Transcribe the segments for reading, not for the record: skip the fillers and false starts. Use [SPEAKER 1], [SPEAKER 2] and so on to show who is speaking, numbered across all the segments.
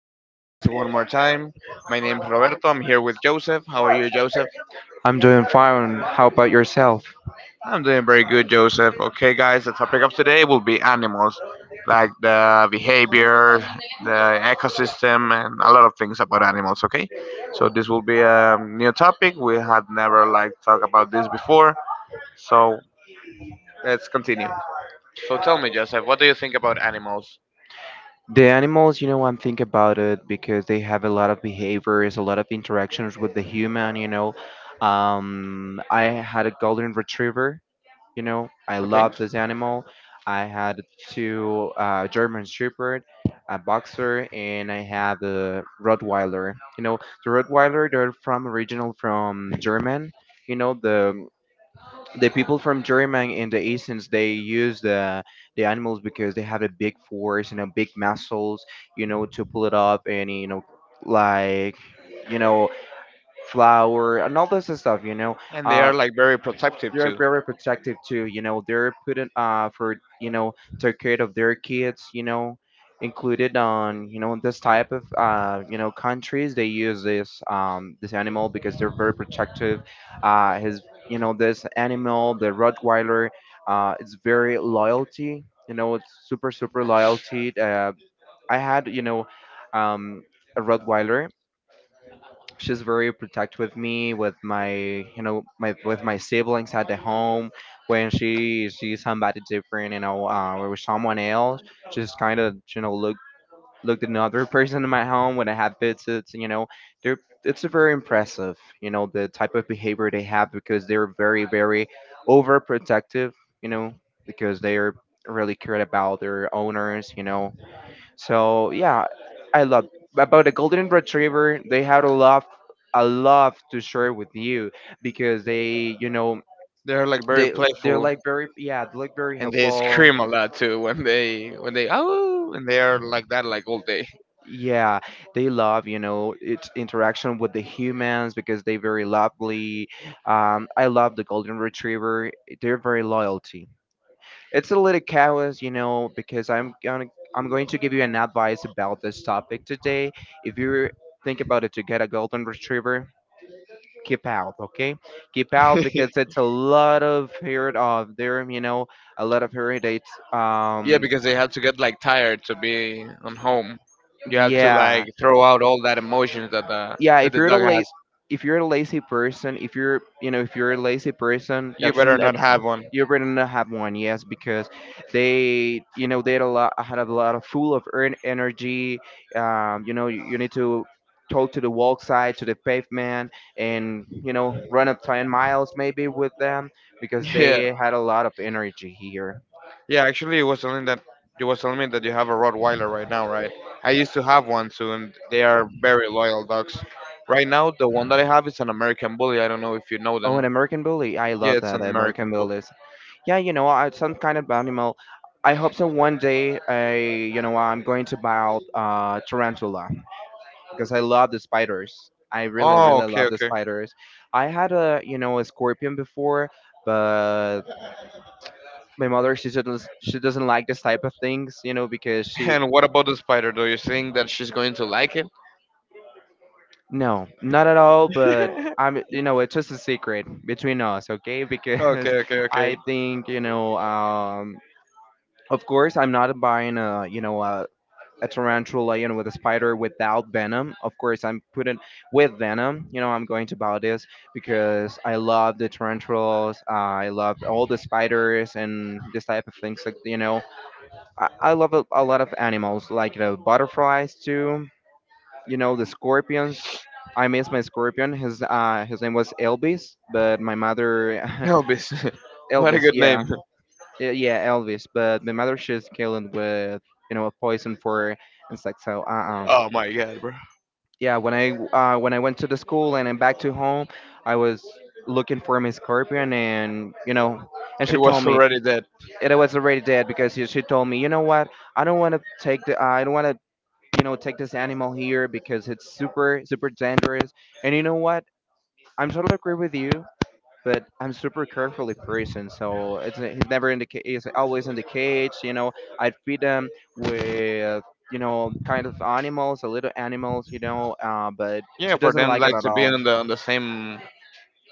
[SPEAKER 1] Our podcast one more time. My name is Roberto. I'm here with Joseph. How are you, Joseph?
[SPEAKER 2] I'm doing fine. How about yourself?
[SPEAKER 1] I'm doing very good, Joseph. Okay, guys, the topic of today will be animals, like the behavior, the ecosystem, and a lot of things about animals. Okay, so this will be a new topic. We had never like talked about this before. So let's continue. So tell me, Joseph, what do you think about animals?
[SPEAKER 2] The animals, you know, I'm thinking about it because they have a lot of behaviors, a lot of interactions with the human, you know. I had a golden retriever, you know, I
[SPEAKER 1] Okay.
[SPEAKER 2] love this animal. I had two German Shepherd, a boxer, and I have a Rottweiler. You know, the Rottweiler, they're from original from German. You know, the people from Germany and the Asians they use the animals because they have a big force and a big muscles, you know, to pull it up and, you know, like, you know, flour and all this stuff, you know.
[SPEAKER 1] And they
[SPEAKER 2] Uh,
[SPEAKER 1] are like very protective
[SPEAKER 2] they're
[SPEAKER 1] too.
[SPEAKER 2] very protective too. You know, they're putting for, you know, take care of their kids. You know, included on, you know, in this type of uh, you know, countries they use this this animal because they're very protective. His you know, this animal, the Rottweiler, it's very loyalty. You know, it's super loyalty. I had, you know, um, a Rottweiler, she's very protective with me, with my, you know, my, with my siblings at the home. When she sees somebody different, you know, or someone else, she's kind of, you know, looked at another person in my home when I have visits, you know. They're, it's very impressive, you know, the type of behavior they have because they're very overprotective, you know, because they're really cared about their owners, you know. So yeah, I love about the golden retriever. They had a lot to share with you because they, you know,
[SPEAKER 1] They're like very
[SPEAKER 2] they they're
[SPEAKER 1] playful,
[SPEAKER 2] like very, yeah, they look very
[SPEAKER 1] and they
[SPEAKER 2] helpful.
[SPEAKER 1] scream a lot too when they oh, and they are like that like all day.
[SPEAKER 2] Yeah, they love, you know, its interaction with the humans because they very lovely. I love the golden retriever. They're very loyalty. It's a little chaos, you know, because I'm going to give you an advice about this topic today. If you think about it to get a golden retriever, keep out, okay, keep out, because it's a lot of heard of them, you know, a lot of headaches,
[SPEAKER 1] Yeah,
[SPEAKER 2] um,
[SPEAKER 1] because they have to get like tired to be on home. You have to
[SPEAKER 2] yeah,
[SPEAKER 1] like throw out all that emotions that the
[SPEAKER 2] yeah,
[SPEAKER 1] that the dog.
[SPEAKER 2] if you're a lazy person, if you're, you know, if you're a lazy person
[SPEAKER 1] You
[SPEAKER 2] that's
[SPEAKER 1] better
[SPEAKER 2] n-
[SPEAKER 1] not have one.
[SPEAKER 2] You're gonna have one, yes, because they, you know, they had a lot of full of earn energy. You know, you need to talk to the walk side, to the pavement, and you know, run up 10 miles maybe with them because
[SPEAKER 1] Yeah.
[SPEAKER 2] they had a lot of energy here.
[SPEAKER 1] Yeah, actually, it was telling that you was telling me that you have a Rottweiler right now, right? I used to have one too, and they are very loyal dogs. Right now, the one that I have is an American Bully. I don't know if you know
[SPEAKER 2] Oh,
[SPEAKER 1] them.
[SPEAKER 2] an American bully! I
[SPEAKER 1] Yeah,
[SPEAKER 2] love
[SPEAKER 1] it's
[SPEAKER 2] that
[SPEAKER 1] an
[SPEAKER 2] the American
[SPEAKER 1] American Bully.
[SPEAKER 2] bullies. Yeah, you know, I, some kind of animal. I hope so. One day, I, you know, I'm going to buy out tarantula because I love the spiders. I really,
[SPEAKER 1] Oh,
[SPEAKER 2] really
[SPEAKER 1] okay,
[SPEAKER 2] love the
[SPEAKER 1] okay.
[SPEAKER 2] spiders. I had a, you know, a scorpion before, but my mother, she doesn't like this type of things, you know, because she
[SPEAKER 1] And what about the spider? Do you think that she's going to like it?
[SPEAKER 2] no, not at all. But I'm, you know, it's just a secret between us, okay? Because
[SPEAKER 1] Okay, okay,
[SPEAKER 2] I
[SPEAKER 1] okay.
[SPEAKER 2] think, you know, of course, I'm not buying a, you know, a tarantula, you know, with a spider without venom. Of course, I'm putting with venom. You know, I'm going to buy this because I love the tarantulas. I love all the spiders and this type of things. Like, you know, I love a lot of animals, like the butterflies too. You know, the scorpions. I miss my scorpion. His his name was Elvis, but my mother,
[SPEAKER 1] Elvis. What a
[SPEAKER 2] Elvis,
[SPEAKER 1] good
[SPEAKER 2] yeah,
[SPEAKER 1] name.
[SPEAKER 2] yeah, Elvis. But my mother she's killing with, you know, a poison for insects. So
[SPEAKER 1] Oh my god, bro.
[SPEAKER 2] yeah, when I when I went to the school and then back to home, I was looking for miss scorpion, and you know, and
[SPEAKER 1] It
[SPEAKER 2] she told
[SPEAKER 1] was
[SPEAKER 2] me
[SPEAKER 1] already dead.
[SPEAKER 2] it was already dead because she told me, you know what, I don't want to, you know, take this animal here because it's super dangerous, and you know what, I'm totally agree with you, but I'm super carefully person. So it's he's never in the ca- he's always in the cage. You know, I'd feed him with, you know, kind of animals, a little animals. You know, but
[SPEAKER 1] Yeah,
[SPEAKER 2] she
[SPEAKER 1] for
[SPEAKER 2] doesn't
[SPEAKER 1] them
[SPEAKER 2] like it
[SPEAKER 1] like
[SPEAKER 2] at
[SPEAKER 1] to be
[SPEAKER 2] all.
[SPEAKER 1] on the same,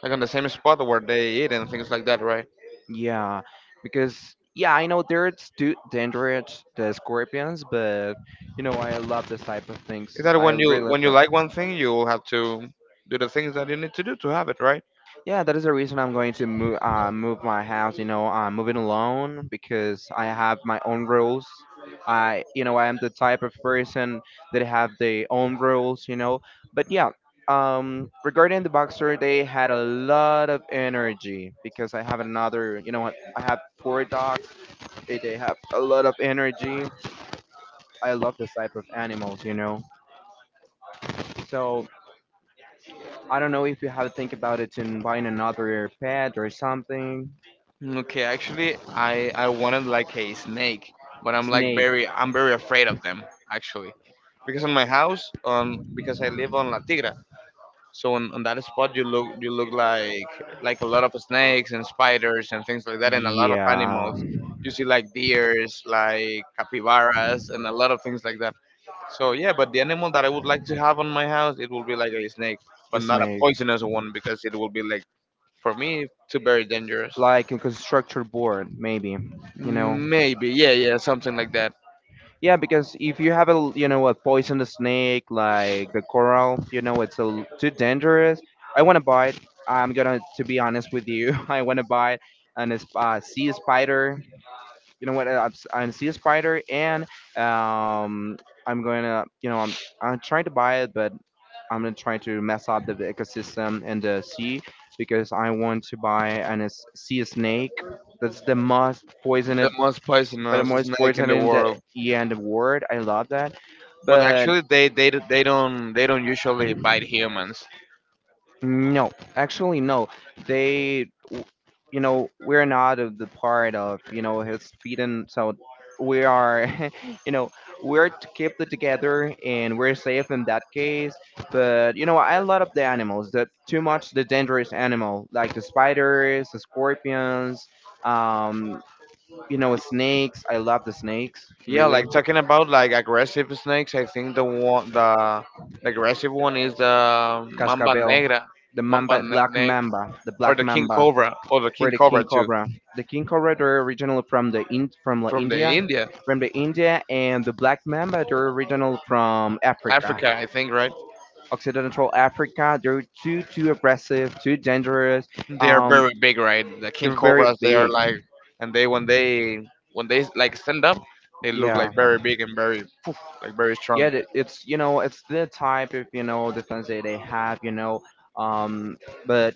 [SPEAKER 1] like on the same spot where they eat and things like that, right?
[SPEAKER 2] Yeah, because yeah, I know dangerous, the scorpions, but you know I love this type of
[SPEAKER 1] Is
[SPEAKER 2] things.
[SPEAKER 1] that
[SPEAKER 2] I
[SPEAKER 1] when
[SPEAKER 2] really
[SPEAKER 1] you
[SPEAKER 2] love.
[SPEAKER 1] when you like one thing, you will have to do the things that you need to do to have it, right?
[SPEAKER 2] Yeah, that is the reason I'm going to move my house. You know, I'm moving alone because I have my own rules. I, you know, I am the type of person that have their own rules. You know, but yeah. Regarding the boxer, they had a lot of energy because I have another. You know what? I have four dogs. They have a lot of energy. I love this type of animals. You know, so I don't know if you have to think about it in buying another pet or something.
[SPEAKER 1] Okay, actually, I wanted like a snake, but
[SPEAKER 2] Snake.
[SPEAKER 1] I'm very afraid of them actually, because in my house, because I live on La Tigra. So on that spot, you look like like a lot of snakes and spiders and things like that, and a lot of
[SPEAKER 2] Yeah,
[SPEAKER 1] animals. You see like deers, like capybaras, and a lot of things like that. So yeah, but the animal that I would like to have on my house, it will be like a snake,
[SPEAKER 2] the
[SPEAKER 1] but not a
[SPEAKER 2] snake,
[SPEAKER 1] poisonous one because it will be like for me too very dangerous.
[SPEAKER 2] like a constructor board, maybe. You know,
[SPEAKER 1] Maybe, yeah, yeah, something like that.
[SPEAKER 2] yeah, because if you have a, you know, a poisonous snake like the coral, you know it's a l too dangerous. I want to buy it. I'm gonna to be honest with you. I want to buy it and it's sea spider. You know what? I'm sea spider and um, I'm gonna you know I'm trying to buy it, but I'm gonna try to mess up the ecosystem in the sea because I want to buy an sea snake. That's the most
[SPEAKER 1] the The
[SPEAKER 2] poisoned,
[SPEAKER 1] most
[SPEAKER 2] but the
[SPEAKER 1] poisonous
[SPEAKER 2] most
[SPEAKER 1] snake in
[SPEAKER 2] poisoned
[SPEAKER 1] the
[SPEAKER 2] in the,
[SPEAKER 1] world.
[SPEAKER 2] yeah, in the world. I love that,
[SPEAKER 1] But
[SPEAKER 2] but
[SPEAKER 1] actually, they don't usually bite humans.
[SPEAKER 2] no, actually, no. They, w- you know, we're not of the part of, you know, his feet, and so we are, you know, we're to keep it together and we're safe in that case. But, you know, I love the animals, the too much the dangerous animal, like the spiders, the scorpions, um, you know, snakes. I love the snakes,
[SPEAKER 1] Yeah,
[SPEAKER 2] really.
[SPEAKER 1] like talking about like aggressive snakes, I think the aggressive one is the
[SPEAKER 2] Cascabel, the
[SPEAKER 1] mamba
[SPEAKER 2] mamba, black
[SPEAKER 1] negra,
[SPEAKER 2] mamba, the
[SPEAKER 1] or
[SPEAKER 2] black
[SPEAKER 1] the king
[SPEAKER 2] mamba.
[SPEAKER 1] cobra, or the
[SPEAKER 2] For
[SPEAKER 1] king
[SPEAKER 2] the king
[SPEAKER 1] cobra too,
[SPEAKER 2] cobra. The king cobra they're originally
[SPEAKER 1] from the India,
[SPEAKER 2] From the India, and the black mamba they're original from Africa,
[SPEAKER 1] Africa, I think, right?
[SPEAKER 2] Occidental Africa. They're too aggressive, too dangerous.
[SPEAKER 1] They are
[SPEAKER 2] Um,
[SPEAKER 1] very big, right? The king
[SPEAKER 2] they're very
[SPEAKER 1] cobras, they are
[SPEAKER 2] big.
[SPEAKER 1] like, and they when they when they like stand up, they look like
[SPEAKER 2] Yeah,
[SPEAKER 1] very big and very poof, like very strong.
[SPEAKER 2] yeah. It's you know it's the type of, you know, defense that they have. You know, um, but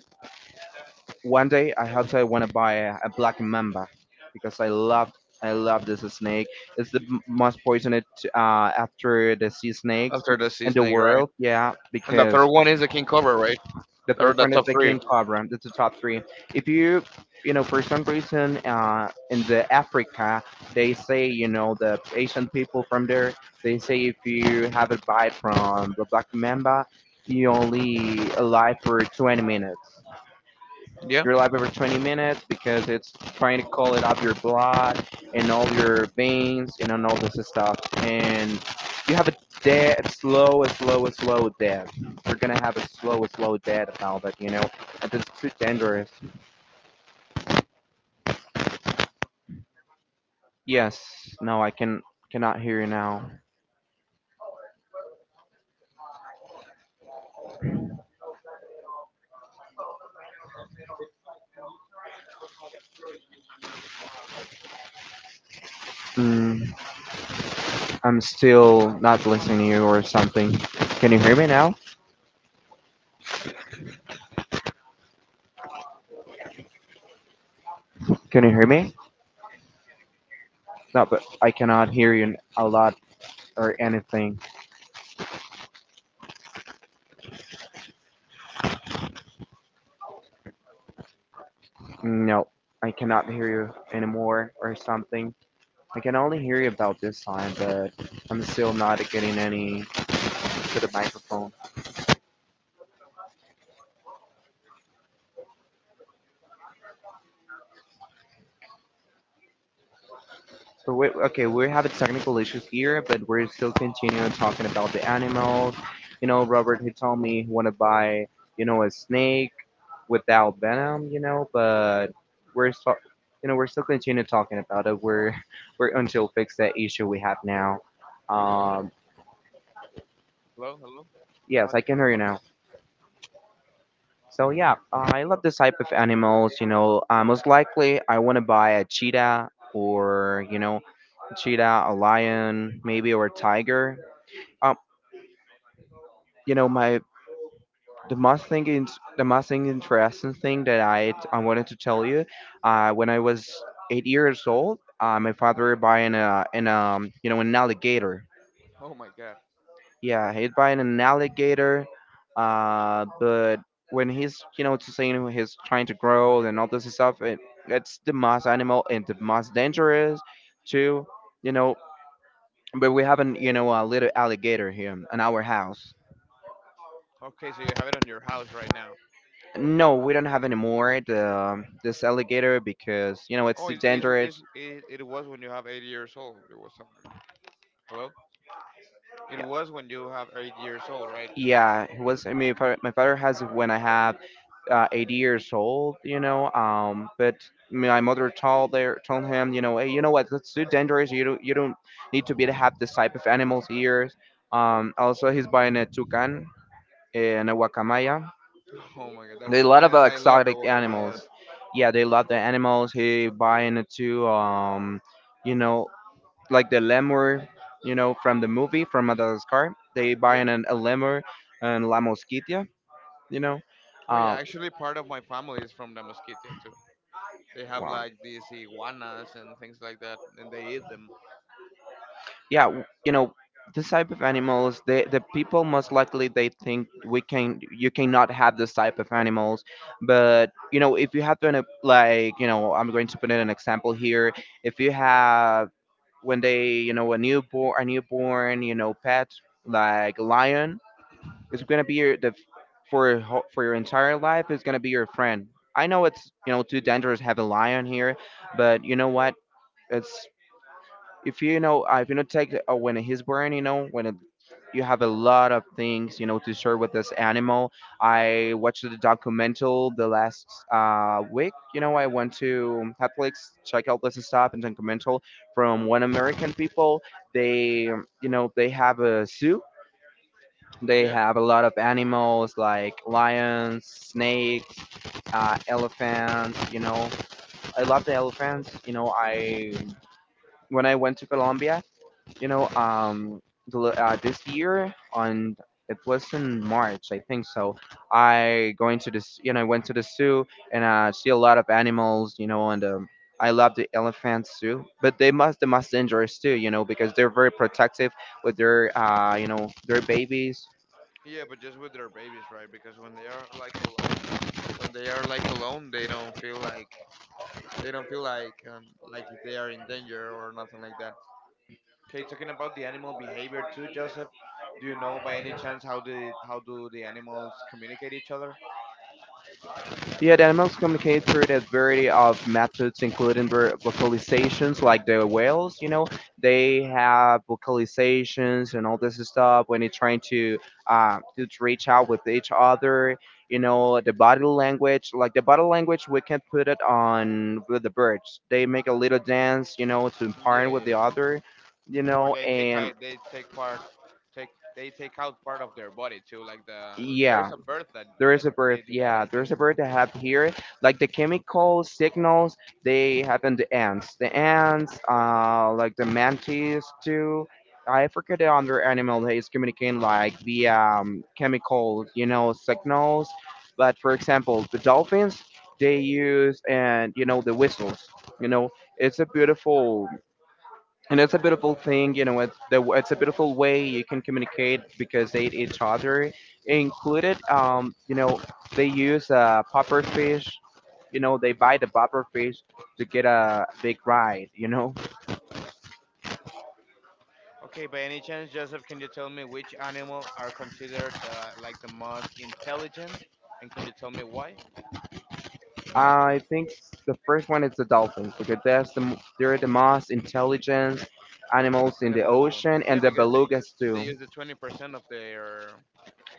[SPEAKER 2] one day I hope, I want to buy a black mamba because I love this snake. It's the most poisonous, after the sea snakes
[SPEAKER 1] After the sea
[SPEAKER 2] in the
[SPEAKER 1] snake, right?
[SPEAKER 2] world. Yeah,
[SPEAKER 1] And the third
[SPEAKER 2] because
[SPEAKER 1] one is the king cobra, right?
[SPEAKER 2] the
[SPEAKER 1] Those
[SPEAKER 2] third
[SPEAKER 1] are the
[SPEAKER 2] one is
[SPEAKER 1] top
[SPEAKER 2] the
[SPEAKER 1] three.
[SPEAKER 2] king cobra. That's the top three. If you, you know, for some reason in the Africa they say, you know, the Asian people from there, they say if you have a bite from the black mamba, you only alive for 20 minutes,
[SPEAKER 1] Yeah.
[SPEAKER 2] you're live every 20 minutes because it's trying to call it up your blood and all your veins and on all this stuff. And you have a dead, slow, slow, slow death. We're gonna have a slow, slow death about it, you know. And it's too dangerous. Yes. No, I can cannot hear you now. Mm, I'm still not listening to you or something. Can you hear me now? Can you hear me? No, but I cannot hear you a lot or anything. No, I cannot hear you anymore or something. I can only hear you about this time, but I'm still not getting any to the microphone. So we have having technical issues here, but we're still continuing talking about the animals. You know, Robert, he told me he want to buy, you know, a snake without venom, you know, but we're so, you know, we're still continuing talking about it. We're, we're until fix that issue we have now. Um,
[SPEAKER 1] Hello, hello.
[SPEAKER 2] yes,
[SPEAKER 1] One,
[SPEAKER 2] I can
[SPEAKER 1] two.
[SPEAKER 2] hear you
[SPEAKER 1] Okay.
[SPEAKER 2] now. So yeah, I love this type of animals. You know, most likely I want to buy a cheetah or, you know, a cheetah, a lion, maybe or a tiger. Um, you know, my the most thing is the most thing interesting thing that I wanted to tell you. When I was 8 years old, my father buying a an um, you know, an alligator.
[SPEAKER 1] Oh my God.
[SPEAKER 2] Yeah, hit by an alligator. But when he's, you know, to saying he's trying to grow and all this stuff, it, it's the most animal and the most dangerous, too. You know, but we have an, you know, a little alligator here in our house.
[SPEAKER 1] Okay, so you have it on your house right now.
[SPEAKER 2] No, we don't have anymore the this alligator because you know it's
[SPEAKER 1] Oh,
[SPEAKER 2] too
[SPEAKER 1] it is
[SPEAKER 2] dangerous.
[SPEAKER 1] it, it was when you have 80 years old. It was something. Hello. It was when you have 80 years old, right?
[SPEAKER 2] Yeah, it was. I mean, my father has it when I have 80 years old, you know. But my mother told him, you know, hey, you know what? That's too dangerous. You don't need to be to have this type of animals here. He's buying a toucan and a guacamaya.
[SPEAKER 1] Oh my God, the
[SPEAKER 2] They love
[SPEAKER 1] guacamayas.
[SPEAKER 2] of
[SPEAKER 1] I love the
[SPEAKER 2] exotic animals.
[SPEAKER 1] guacamayas.
[SPEAKER 2] Yeah, they love the animals. He buying it too. You know, like the lemur, you know, from the movie from Madagascar. They buy
[SPEAKER 1] Yeah.
[SPEAKER 2] a lemur and la mosquitia, you know.
[SPEAKER 1] Oh yeah.
[SPEAKER 2] Uh,
[SPEAKER 1] Actually, part of my family is from the Mosquitia too. They have
[SPEAKER 2] wow.
[SPEAKER 1] like these iguanas and things like that, and they eat them.
[SPEAKER 2] Yeah, you know, this type of animals, they, the people most likely they think we can you cannot have this type of animals, but you know if you have to, like, you know, I'm going to put in an example here. If you have when they you know a newborn you know pet like a lion is going to be your the for your entire life is going to be your friend. I know it's, you know, too dangerous to have a lion here, but you know what? It's if you know take when he's born, you know when it, you have a lot of things you know to share with this animal. I watched the documental the last week. You know I went to Netflix check out this stuff and documental from one American people. They you know they have a zoo, they
[SPEAKER 1] Yeah.
[SPEAKER 2] have a lot of animals like lions, snakes, elephants. You know, I love the elephants. You know, I When I went to Colombia, you know, this year on it was in March, I think so. I going to this, you know, I went to the zoo and I see a lot of animals. You know, and I love the elephants too, but they must the most dangerous too. You know, because they're very protective with their, you know, their babies.
[SPEAKER 1] Yeah, but just with their babies, right? Because when they are like alone, when they are like alone, they don't feel like. They don't feel like if they are in danger or nothing like that. Okay, talking about the animal behavior too, Joseph. Do you know by any chance how do the animals communicate each other?
[SPEAKER 2] Yet animals communicate through a variety of methods, including vocalizations, like the whales. You know, they have vocalizations and all this stuff when they're trying to reach out with each other. You know, the body language, like the body language, we can put it on with the birds. They make a little dance, you know, to
[SPEAKER 1] Yeah,
[SPEAKER 2] partner with the
[SPEAKER 1] yeah.
[SPEAKER 2] other. You
[SPEAKER 1] Or
[SPEAKER 2] know,
[SPEAKER 1] they take
[SPEAKER 2] and
[SPEAKER 1] hi- they take part take they take out part of their body too? Like the. There's
[SPEAKER 2] yeah.
[SPEAKER 1] a bird that
[SPEAKER 2] There is
[SPEAKER 1] that
[SPEAKER 2] a bird,
[SPEAKER 1] they do that,
[SPEAKER 2] yeah,
[SPEAKER 1] I
[SPEAKER 2] there's a
[SPEAKER 1] think.
[SPEAKER 2] bird that have here, like the chemical signals, they have in the ants. The ants, like the mantis too. I forget the other animal that is communicating like the chemical, you know, signals. But for example, the dolphins, they use and you know the whistles. You know, it's a beautiful it's a beautiful thing, you know, it's a beautiful way you can communicate because they eat each other included, you know, they use popper fish, you know, they buy the popper fish to get a big ride, you know.
[SPEAKER 1] Okay. By any chance, Joseph, can you tell me which animal are considered like the most intelligent, and can you tell me why?
[SPEAKER 2] I think the first one is the dolphins because they're the most intelligent animals in the
[SPEAKER 1] Animal in the world.
[SPEAKER 2] ocean
[SPEAKER 1] Yeah,
[SPEAKER 2] and the
[SPEAKER 1] because they,
[SPEAKER 2] belugas
[SPEAKER 1] They
[SPEAKER 2] too.
[SPEAKER 1] use the 20%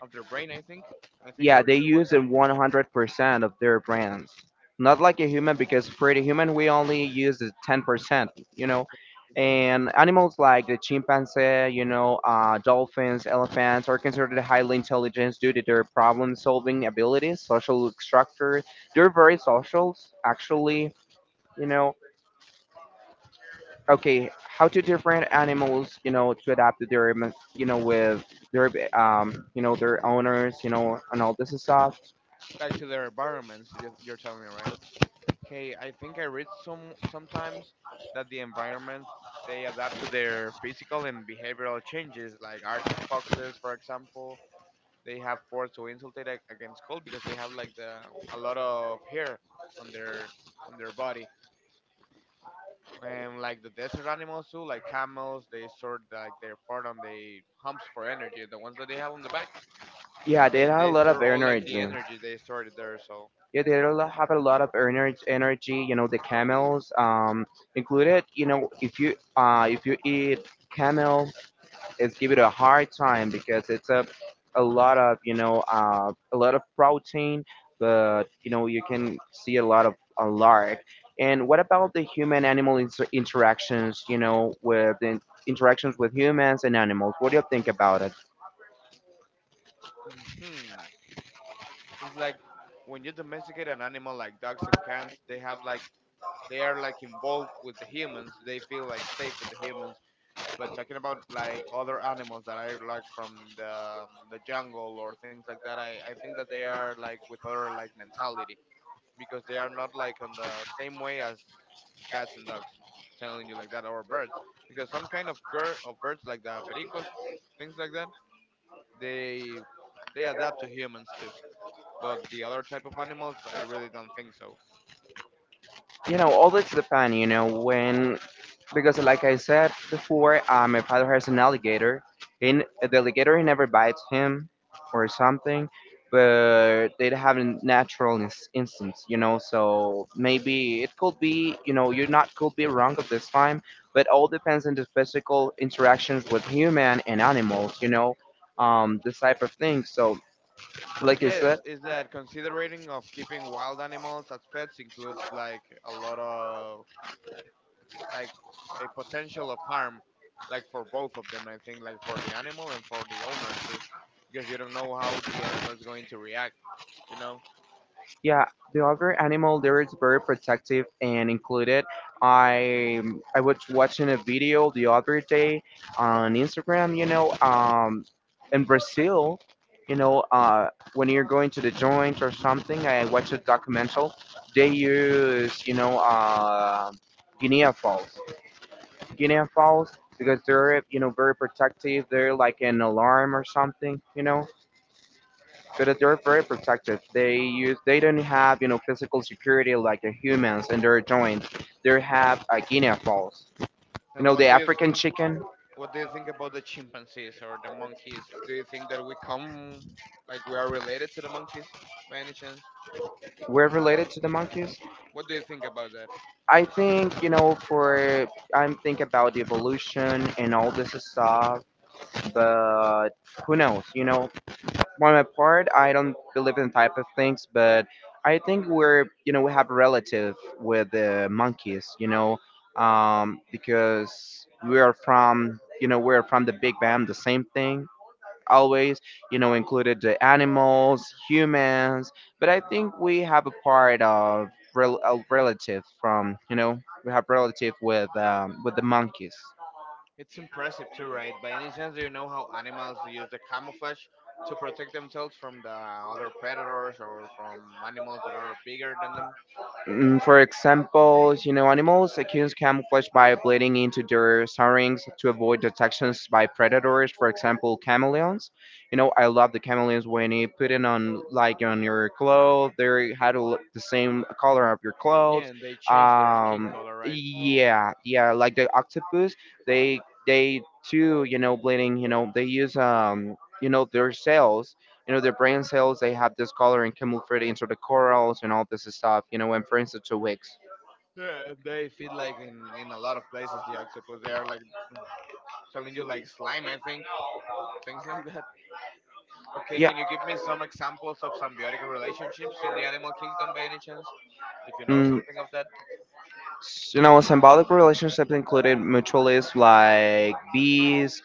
[SPEAKER 1] of their brain, I think. I think I
[SPEAKER 2] Yeah, they
[SPEAKER 1] read it one
[SPEAKER 2] use it
[SPEAKER 1] time.
[SPEAKER 2] 100% of their brands. Not like a human, because for the human, we only use the 10%, you
[SPEAKER 1] I
[SPEAKER 2] know.
[SPEAKER 1] think
[SPEAKER 2] And animals like the chimpanzee, you know, dolphins, elephants are considered highly intelligent due to their problem solving abilities, social structure. They're very social, actually, you know. Okay, how to different animals, you know, to adapt to their, you know, with their, you know, their owners, you know, and all this stuff.
[SPEAKER 1] like to their environments. You're telling me right? Hey, I think I read some sometimes that the environment they adapt to their physical and behavioral changes. Like Arctic foxes, for example, they have force to insulate against cold because they have like the a lot of hair on their on their body. And like the desert animals too, like camels, they sort like their fur on the humps for energy. The ones that they have on the back,
[SPEAKER 2] Yeah, they
[SPEAKER 1] They
[SPEAKER 2] had a
[SPEAKER 1] they
[SPEAKER 2] lot of
[SPEAKER 1] store all like the
[SPEAKER 2] energy.
[SPEAKER 1] energy they stored there. So
[SPEAKER 2] Yeah, they had a lot- have a lot of energy. Energy, you know, the camels included. You know, if you eat camel, it's give it a hard time because it's a lot of, you know, a lot of protein, but you know you can see a lot of a lark. And what about the human animal interactions? You know, with the interactions with humans and animals. What do you think about it?
[SPEAKER 1] hmm, it's like when you domesticate an animal like dogs and cats, they have like they are like involved with the humans. They feel like safe with the humans. But talking about like other animals that are like from the jungle or things like that, I think that they are like with other like mentality because they are not like on the same way as cats and dogs telling you like that, or birds, because some kind of girl of birds like the pericos things like that, they they adapt to humans too. But the other type of animals, I really don't think so.
[SPEAKER 2] You know all this depends, you know, when because like I said before, my father has an alligator. In the alligator never bites him or something, but they have a natural instincts, you know. So maybe it could be, you know, you not could be wrong at this time, but all depends on the physical interactions with human and animals, you know, this type of thing. So like I
[SPEAKER 1] Yes,
[SPEAKER 2] said.
[SPEAKER 1] is that considering of keeping wild animals as pets includes like a lot of like a potential of harm, like for both of them. I think like for the animal and for the owner too, because you don't know how the animal is going to react. You know.
[SPEAKER 2] Yeah, the other animal there is very protective and included. I I was watching a video the other day on Instagram. You know, in Brazil, you know, when you're going to the joint or something, I watched a documentary. They use, you know, Guinea Falls, Guinea Falls because they're, you know, very protective. They're like an alarm or something. You know, so they're very protective. They use they don't have you know physical security like the humans and their joints. They have guinea fowls. You
[SPEAKER 1] And
[SPEAKER 2] know the
[SPEAKER 1] what do you
[SPEAKER 2] African
[SPEAKER 1] think?
[SPEAKER 2] chicken.
[SPEAKER 1] What do you think about the chimpanzees or the monkeys? Do you think that we come like we are related to the monkeys by any chance?
[SPEAKER 2] We're related to the monkeys.
[SPEAKER 1] What do you think about that?
[SPEAKER 2] I think you know for I'm thinking about the evolution and all this stuff, but who knows? You know for my part, I don't believe in type of things, but I think we're, you know, we have a relative with the monkeys, you know, because we are from, you know, we're from the Big Bang, the same thing always, you know, included the animals, humans, but I think we have a part of a relative from, you know, we have relative with the monkeys.
[SPEAKER 1] It's impressive too, right? By any chance, do you know how animals use the camouflage to protect themselves from the other predators or from animals that are bigger than them?
[SPEAKER 2] Mm, for example, you know, animals can camouflage by bleeding into their surroundings to avoid detections by predators. For example, chameleons. You know, I love the chameleons when you put it on, like, on your clothes. They had a l- The same color of your clothes.
[SPEAKER 1] Yeah, and they change their skin
[SPEAKER 2] Um,
[SPEAKER 1] color, right?
[SPEAKER 2] yeah, yeah, like the octopus. They they too, you know, bleeding. You know, they use, you know, their cells, you know, their brain cells, they have this color and camouflage into the corals and all this stuff, you know, and for instance the wigs.
[SPEAKER 1] Yeah, they feel like in a lot of places the octopus they are like telling you like slime, I think, things like that. Okay,
[SPEAKER 2] Yeah.
[SPEAKER 1] can you give me some examples of symbiotic relationships in the animal kingdom by any chance? If you know
[SPEAKER 2] Mm,
[SPEAKER 1] something of that.
[SPEAKER 2] you know, symbolic relationships included mutualists like bees,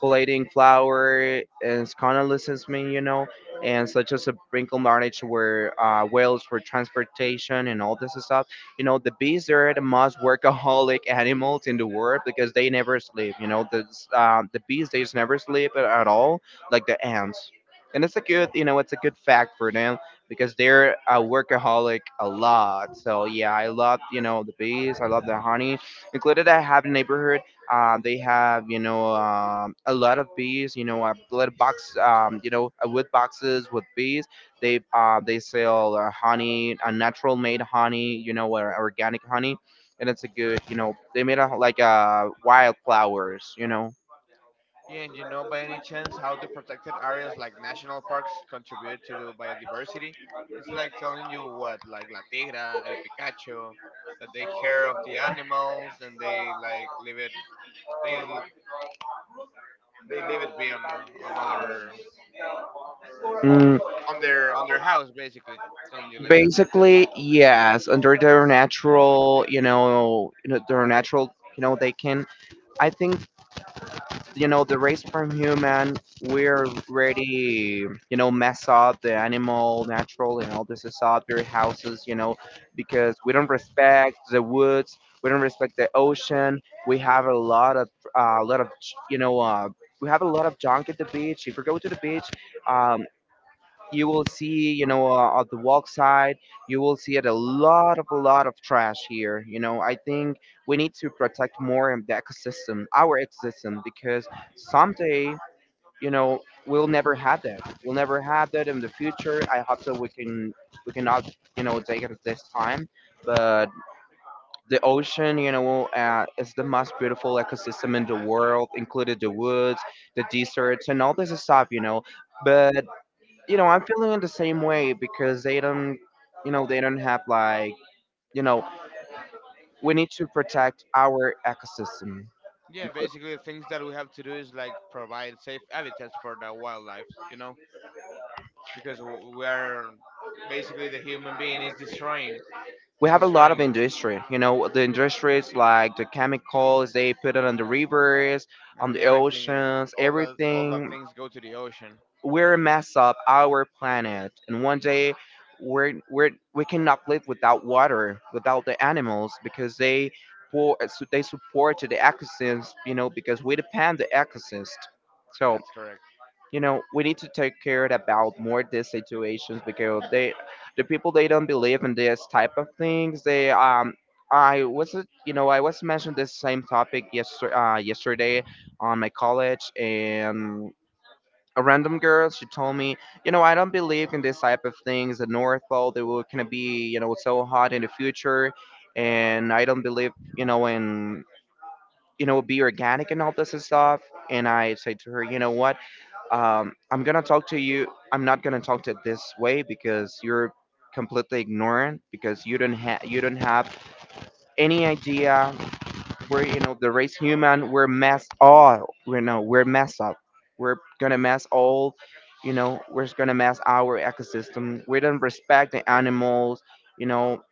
[SPEAKER 2] collating flower, and convalescence, you know, and such as a wrinkle marriage where whales for transportation and all this stuff. You know, the bees they're the most workaholic animals in the world because they never sleep. You know, the bees they just never sleep at all, like the ants. And it's a good, you know, it's a good fact for them because they're a workaholic a lot. So yeah, I love you know the bees. I love the honey. Included, I have a neighborhood. They have, you know, a lot of bees. You know, a little box. You know, wood boxes with bees. They sell honey, a natural made honey. You know, or organic honey. And it's a good, you know, they made a, like, wildflowers, you know.
[SPEAKER 1] Yeah, and you know by any chance how do protected areas like national parks contribute to the biodiversity? It's like telling you what, like La Tigra, El Picacho, that they care of the animals and they like leave it, they they leave it be on the on other on their house basically. Telling you like that.
[SPEAKER 2] Basically, yes, under their natural, you know, their natural, you know, they can. I think, you know, the race from human, we're already, you know, mess up the animal natural, you know, this is up their houses, you know, because we don't respect the woods, we don't respect the ocean. We have a lot of, you know, we have a lot of junk at the beach. If we go to the beach, um, you will see, you know, at the walk side you will see it a lot of trash here, you know. I think we need to protect more of the ecosystem, our ecosystem, because someday, you know, we'll never have that in the future. I hope that we can we cannot, you know, take it at this time, but the ocean, you know, is the most beautiful ecosystem in the world, included the woods, the deserts and all this stuff, you know, but you know, I'm feeling in the same way because they don't, you know, they don't have like, you know, we need to protect our ecosystem.
[SPEAKER 1] Yeah,
[SPEAKER 2] Because
[SPEAKER 1] basically the things that we have to do is like provide safe habitats for the wildlife, you know, because we are basically the human being is destroying,
[SPEAKER 2] we
[SPEAKER 1] is
[SPEAKER 2] have a lot of
[SPEAKER 1] destroying
[SPEAKER 2] industry, you know, the industries like the chemicals they put it on the rivers, on
[SPEAKER 1] and
[SPEAKER 2] the
[SPEAKER 1] everything,
[SPEAKER 2] oceans,
[SPEAKER 1] all that
[SPEAKER 2] everything.
[SPEAKER 1] things go to the ocean.
[SPEAKER 2] We're a mess up our planet, and one day we cannot live without water, without the animals, because they pour, so they support the ecosystems, you know, because we depend the ecosystem. So
[SPEAKER 1] That's correct.
[SPEAKER 2] you know we need to take care about more these situations because they, the people, they don't believe in this type of things. They I was you know, I was mentioned this same topic yesterday, yesterday on my college. And a random girl she told me, you know, I don't believe in this type of things. The North Pole they will gonna be, you know, so hot in the future. And I don't believe, you know, in, you know, be organic and all this and stuff. And I said to her, you know what, I'm gonna talk to you, I'm not gonna talk to it this way, because you're completely ignorant, because you don't have any idea. We're, you know, the race human, we're messed all, you know, we're messed up. We're gonna mess all, you know, we're just gonna mess our ecosystem. We don't respect the animals, you know.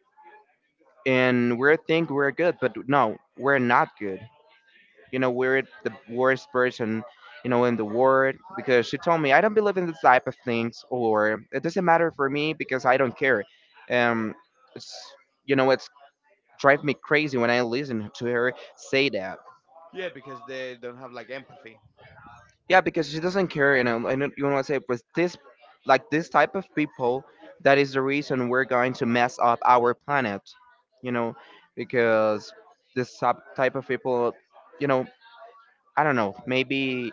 [SPEAKER 2] And we think we're good, but no, we're not good, you know. We're the worst person, you know, in the world, because she told me I don't believe in this type of things, or it doesn't matter for me because I don't care. um it's, you know, it's drive me crazy when I listen to her say that.
[SPEAKER 1] Yeah, because they don't have like empathy.
[SPEAKER 2] Yeah, because she doesn't care, and I know you want to say with this, like this type of people, that is the reason we're going to mess up our planet, you know, because this type of people, you know, I don't know, maybe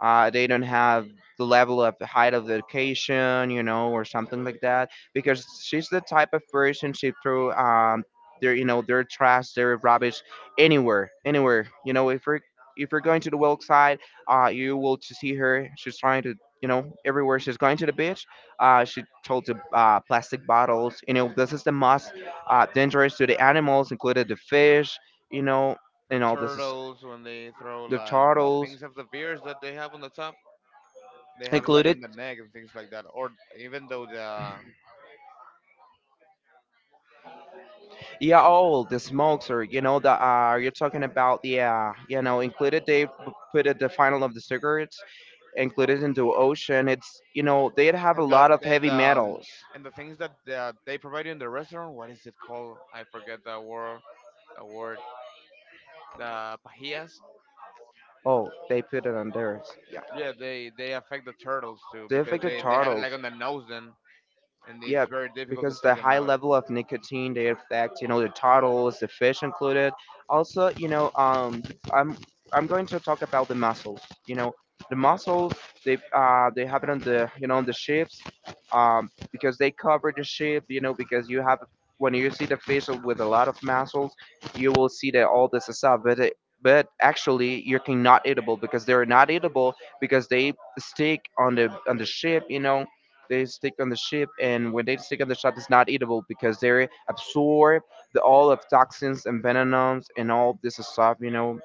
[SPEAKER 2] they don't have the level of height of education, you know, or something like that. Because she's the type of person, she threw their, you know, their trash, their rubbish anywhere, anywhere. You know, if you're going to the west side, you will to see her. She's trying to, you know, everywhere she's going to the beach, she throws the plastic bottles. You know, this is the most dangerous to the animals, included the fish. You know,
[SPEAKER 1] The
[SPEAKER 2] and all this is
[SPEAKER 1] turtles when they throw
[SPEAKER 2] the
[SPEAKER 1] like the
[SPEAKER 2] turtles
[SPEAKER 1] things of the beers that they have on the top, they have it like on
[SPEAKER 2] included.
[SPEAKER 1] the neck and things like that. Or even though the
[SPEAKER 2] Yeah, all the smokes, or you know the you're talking about the you know, included, put it the final of the cigarettes, included into ocean. It's, you know, they'd have a
[SPEAKER 1] and the
[SPEAKER 2] lot of heavy metals.
[SPEAKER 1] and the things that they provide you in the restaurant, what is it called? I forget the word. The word, the pajillas.
[SPEAKER 2] Oh, they put it on theirs.
[SPEAKER 1] Yeah, they affect the turtles too
[SPEAKER 2] They
[SPEAKER 1] because
[SPEAKER 2] affected
[SPEAKER 1] they have it
[SPEAKER 2] turtles.
[SPEAKER 1] like on the nose then, and
[SPEAKER 2] Yeah,
[SPEAKER 1] it's very difficult to
[SPEAKER 2] because
[SPEAKER 1] take
[SPEAKER 2] the
[SPEAKER 1] them
[SPEAKER 2] high
[SPEAKER 1] out.
[SPEAKER 2] level of nicotine, they affect, you know, the turtles, the fish, included. Also, you know, i'm I'm going to talk about the mussels, you know, the mussels. They have on the, you know, on the ships. Because they cover the ship, you know, because you have, when you see the fish with a lot of mussels, you will see that all this is up, but it, but actually you cannot eatable because they're not eatable, because they stick on the ship, you know. They stick on the ship, and when they stick on the ship, it's not eatable because they absorb the, all of toxins and venoms and all this stuff. You know,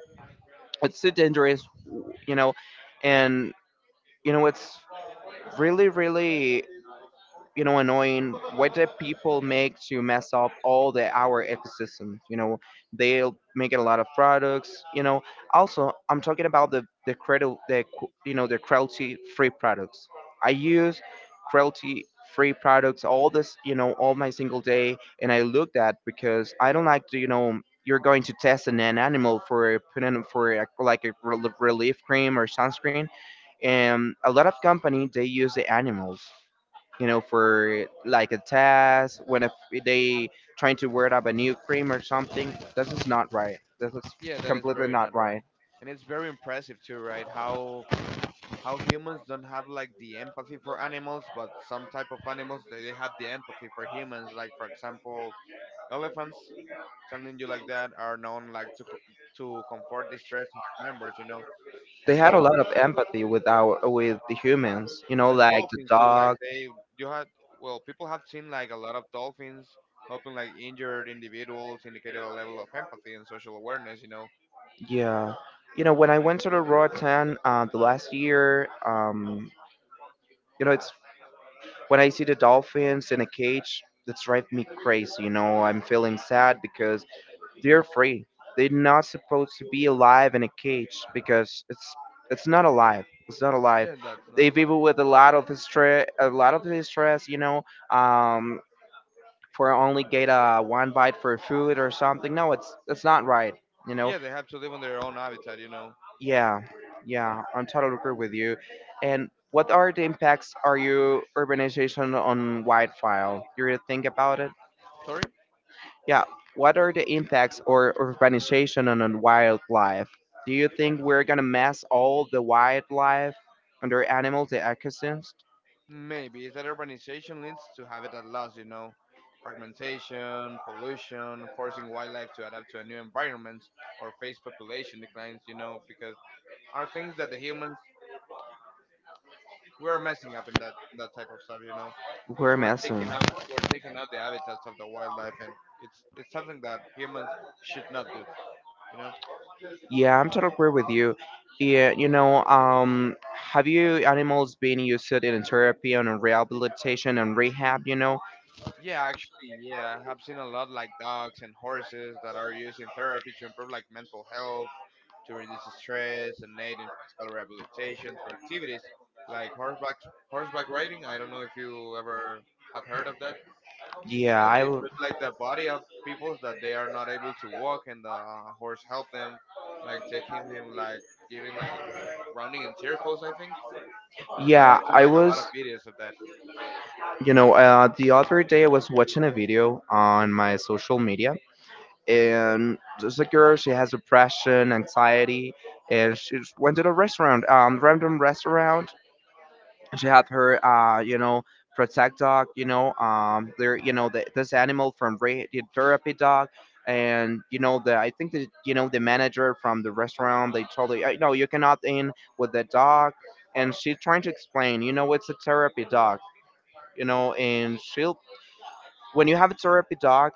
[SPEAKER 2] it's so dangerous. You know. And you know it's really, really, you know, annoying what did people make to mess up all the our ecosystems, you know. They'll make a lot of products, you know. Also, I'm talking about the you know, the cruelty free products. I use cruelty free products, all this, you know, all my single day. And I look at, because I don't like to, you know, you're going to test an animal for putting for a, like a relief cream or sunscreen. And a lot of company they use the animals, you know, for like a test, when if they trying to word up a new cream or something. This is not right. This is
[SPEAKER 1] Yeah, that is
[SPEAKER 2] completely
[SPEAKER 1] very
[SPEAKER 2] not
[SPEAKER 1] not right.
[SPEAKER 2] right.
[SPEAKER 1] And it's very impressive too, right? How humans don't have like the empathy for animals, but some type of animals they have the empathy for humans. Like for example, elephants, something you like that, are known like to comfort distressed members, you know,
[SPEAKER 2] They
[SPEAKER 1] and
[SPEAKER 2] had a lot
[SPEAKER 1] dolphins
[SPEAKER 2] of
[SPEAKER 1] too.
[SPEAKER 2] empathy with our with the humans, you know,
[SPEAKER 1] And
[SPEAKER 2] like the
[SPEAKER 1] dolphins too, like
[SPEAKER 2] dog.
[SPEAKER 1] they you had well, people have seen like a lot of dolphins helping like injured individuals, indicated a level of empathy and social awareness, you know.
[SPEAKER 2] Yeah, you know, when I went to the Raw Ten, the last year, you know, it's when I see the dolphins in a cage. That's drive me crazy. You know, I'm feeling sad because they're free. They're not supposed to be alive in a cage, because it's not alive. It's not alive.
[SPEAKER 1] Yeah, that's not a
[SPEAKER 2] They
[SPEAKER 1] lie.
[SPEAKER 2] people with a lot of stress, a lot of stress, you know, um, for only get one bite for food or something. No, it's not right. You know.
[SPEAKER 1] Yeah, they have to live on their own habitat, you know.
[SPEAKER 2] Yeah, yeah, I'm totally agree with you. And what are the impacts are you urbanization on wildfire? You really think about it?
[SPEAKER 1] Sorry?
[SPEAKER 2] Yeah, what are the impacts or urbanization on wildlife? Do you think we're gonna mess all the wildlife, under animals, the ecosystems?
[SPEAKER 1] Maybe. Is that urbanization leads to habitat loss, you know. Fragmentation, pollution, forcing wildlife to adapt to a new environment, or face population declines, you know, because are things that the humans we are messing up in that that type of stuff, you know. Because
[SPEAKER 2] We're
[SPEAKER 1] we're taking
[SPEAKER 2] messing.
[SPEAKER 1] out we're taking out the habitats of the wildlife, and it's something that humans should not do, you know?
[SPEAKER 2] Yeah, I'm totally agree with you. Yeah, you know, have you animals been used in therapy and rehabilitation and rehab? You know,
[SPEAKER 1] Yeah, actually, yeah, I have seen a lot like dogs and horses that are used in therapy to improve like mental health, to reduce stress and aid in physical rehabilitation through activities like horseback riding. I don't know if you ever have heard of that.
[SPEAKER 2] yeah,
[SPEAKER 1] That
[SPEAKER 2] I
[SPEAKER 1] they
[SPEAKER 2] l-
[SPEAKER 1] put like the body of people that they are not able to walk, and the horse help them, like taking him like giving like rounding in circles, I think. I
[SPEAKER 2] yeah,
[SPEAKER 1] have seen
[SPEAKER 2] I
[SPEAKER 1] like a lot
[SPEAKER 2] was,
[SPEAKER 1] of videos of that
[SPEAKER 2] you know, the other day I was watching a video on my social media, and there's a girl. She has depression, anxiety, and she just went to the restaurant, random restaurant. She had her you know protect dog, you know, there, you know, the, this animal from, therapy dog. And you know the, I think the, you know the manager from the restaurant, they told her, no, you cannot in with the dog." And she's trying to explain, you know, it's a therapy dog, you know. And she'll, when you have a therapy dog,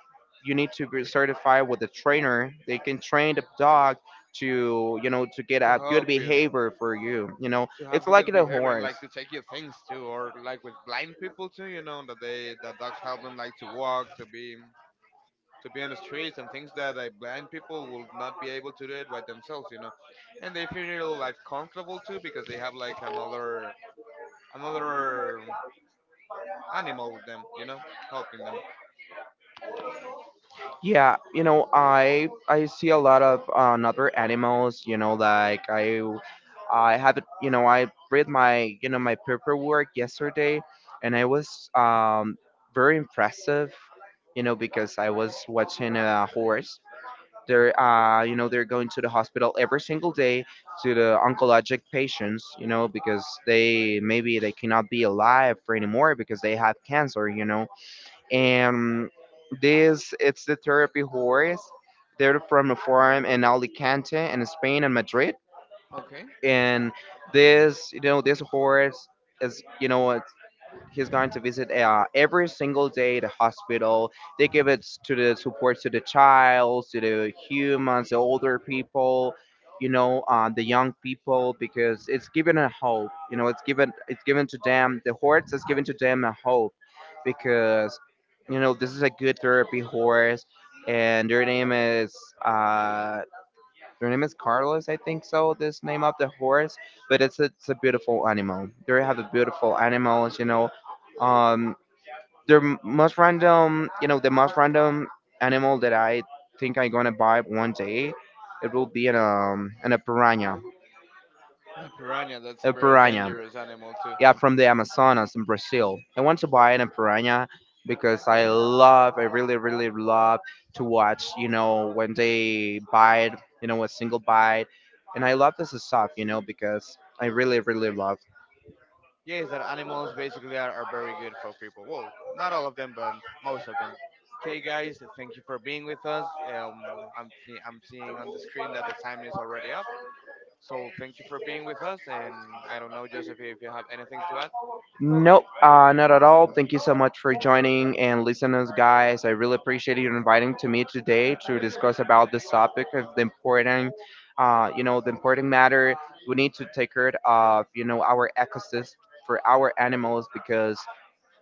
[SPEAKER 2] you need to be certified with a trainer. They can train the dog to, you know, to get
[SPEAKER 1] to
[SPEAKER 2] a good
[SPEAKER 1] help you
[SPEAKER 2] behavior for you, you know.
[SPEAKER 1] to
[SPEAKER 2] It's
[SPEAKER 1] have a
[SPEAKER 2] like
[SPEAKER 1] good
[SPEAKER 2] the
[SPEAKER 1] behavior and
[SPEAKER 2] horse.
[SPEAKER 1] like to take your things too, or like with blind people too. You know that they that dogs help them like to walk, to be on the streets and things that like blind people will not be able to do it by themselves, you know. And they feel like comfortable too because they have like another animal with them, you know, helping them.
[SPEAKER 2] Yeah, you know, I see a lot of other animals. You know, like I have, you know, I read my, you know, my paperwork yesterday, and I was very impressive. You know, because I was watching a horse. They're you know they're going to the hospital every single day, to the oncologic patients. You know, because they maybe they cannot be alive for anymore because they have cancer. You know, and this it's the therapy horse. They're from a farm in Alicante in Spain and Madrid,
[SPEAKER 1] Okay.
[SPEAKER 2] and this, you know, this horse is, you know, he's going to visit, every single day the hospital. They give it to the support to the child, to the humans, the older people, you know, the young people, because it's given a hope. You know, it's given, it's given to them. The horse is given to them a hope, because, you know, this is a good therapy horse. And uh, their name is Carlos, I think so. This name of the horse. But it's a beautiful animal. They have a beautiful animals, you know. Um, they most random, you know, the most random animal that I think I'm gonna buy one day. It will be an a piranha,
[SPEAKER 1] A piranha, that's a
[SPEAKER 2] a
[SPEAKER 1] very
[SPEAKER 2] piranha.
[SPEAKER 1] dangerous animal too.
[SPEAKER 2] Yeah, from the Amazonas in Brazil. I want to buy an piranha, because I love, I really, really love to watch, you know, when they bite, you know, a single bite. And I love this stuff, you know, because I really, really love.
[SPEAKER 1] Yes, that animals basically are very good for people. Well, not all of them, but most of them. Okay, guys, thank you for being with us. Um, I'm, I'm seeing on the screen that the time is already up. So thank you for being with us. And I don't know, Joseph, if you have anything to add.
[SPEAKER 2] Nope, not at all. Thank you so much for joining and listening, guys. I really appreciate you inviting to me today to discuss about this topic of the important, you know, the important matter we need to take care of, you know, our ecosystem for our animals, because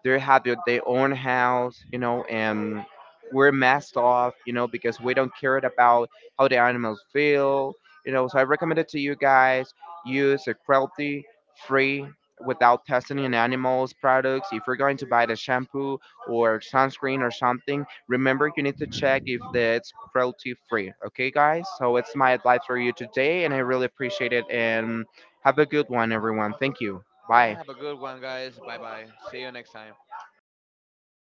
[SPEAKER 2] they have their own house, you know. And we're messed off, you know, because we don't care about how the animals feel, you know. So I recommend it to you guys. Use a cruelty free, without testing in animals products. If you're going to buy the shampoo or sunscreen or something, remember you need to check if the, it's cruelty free. Okay guys, so it's my advice for you today, and I really appreciate it. And have a good one everyone. Thank you.
[SPEAKER 1] Hey,
[SPEAKER 2] Bye.
[SPEAKER 1] have a good one, guys. Bye bye. See you next time.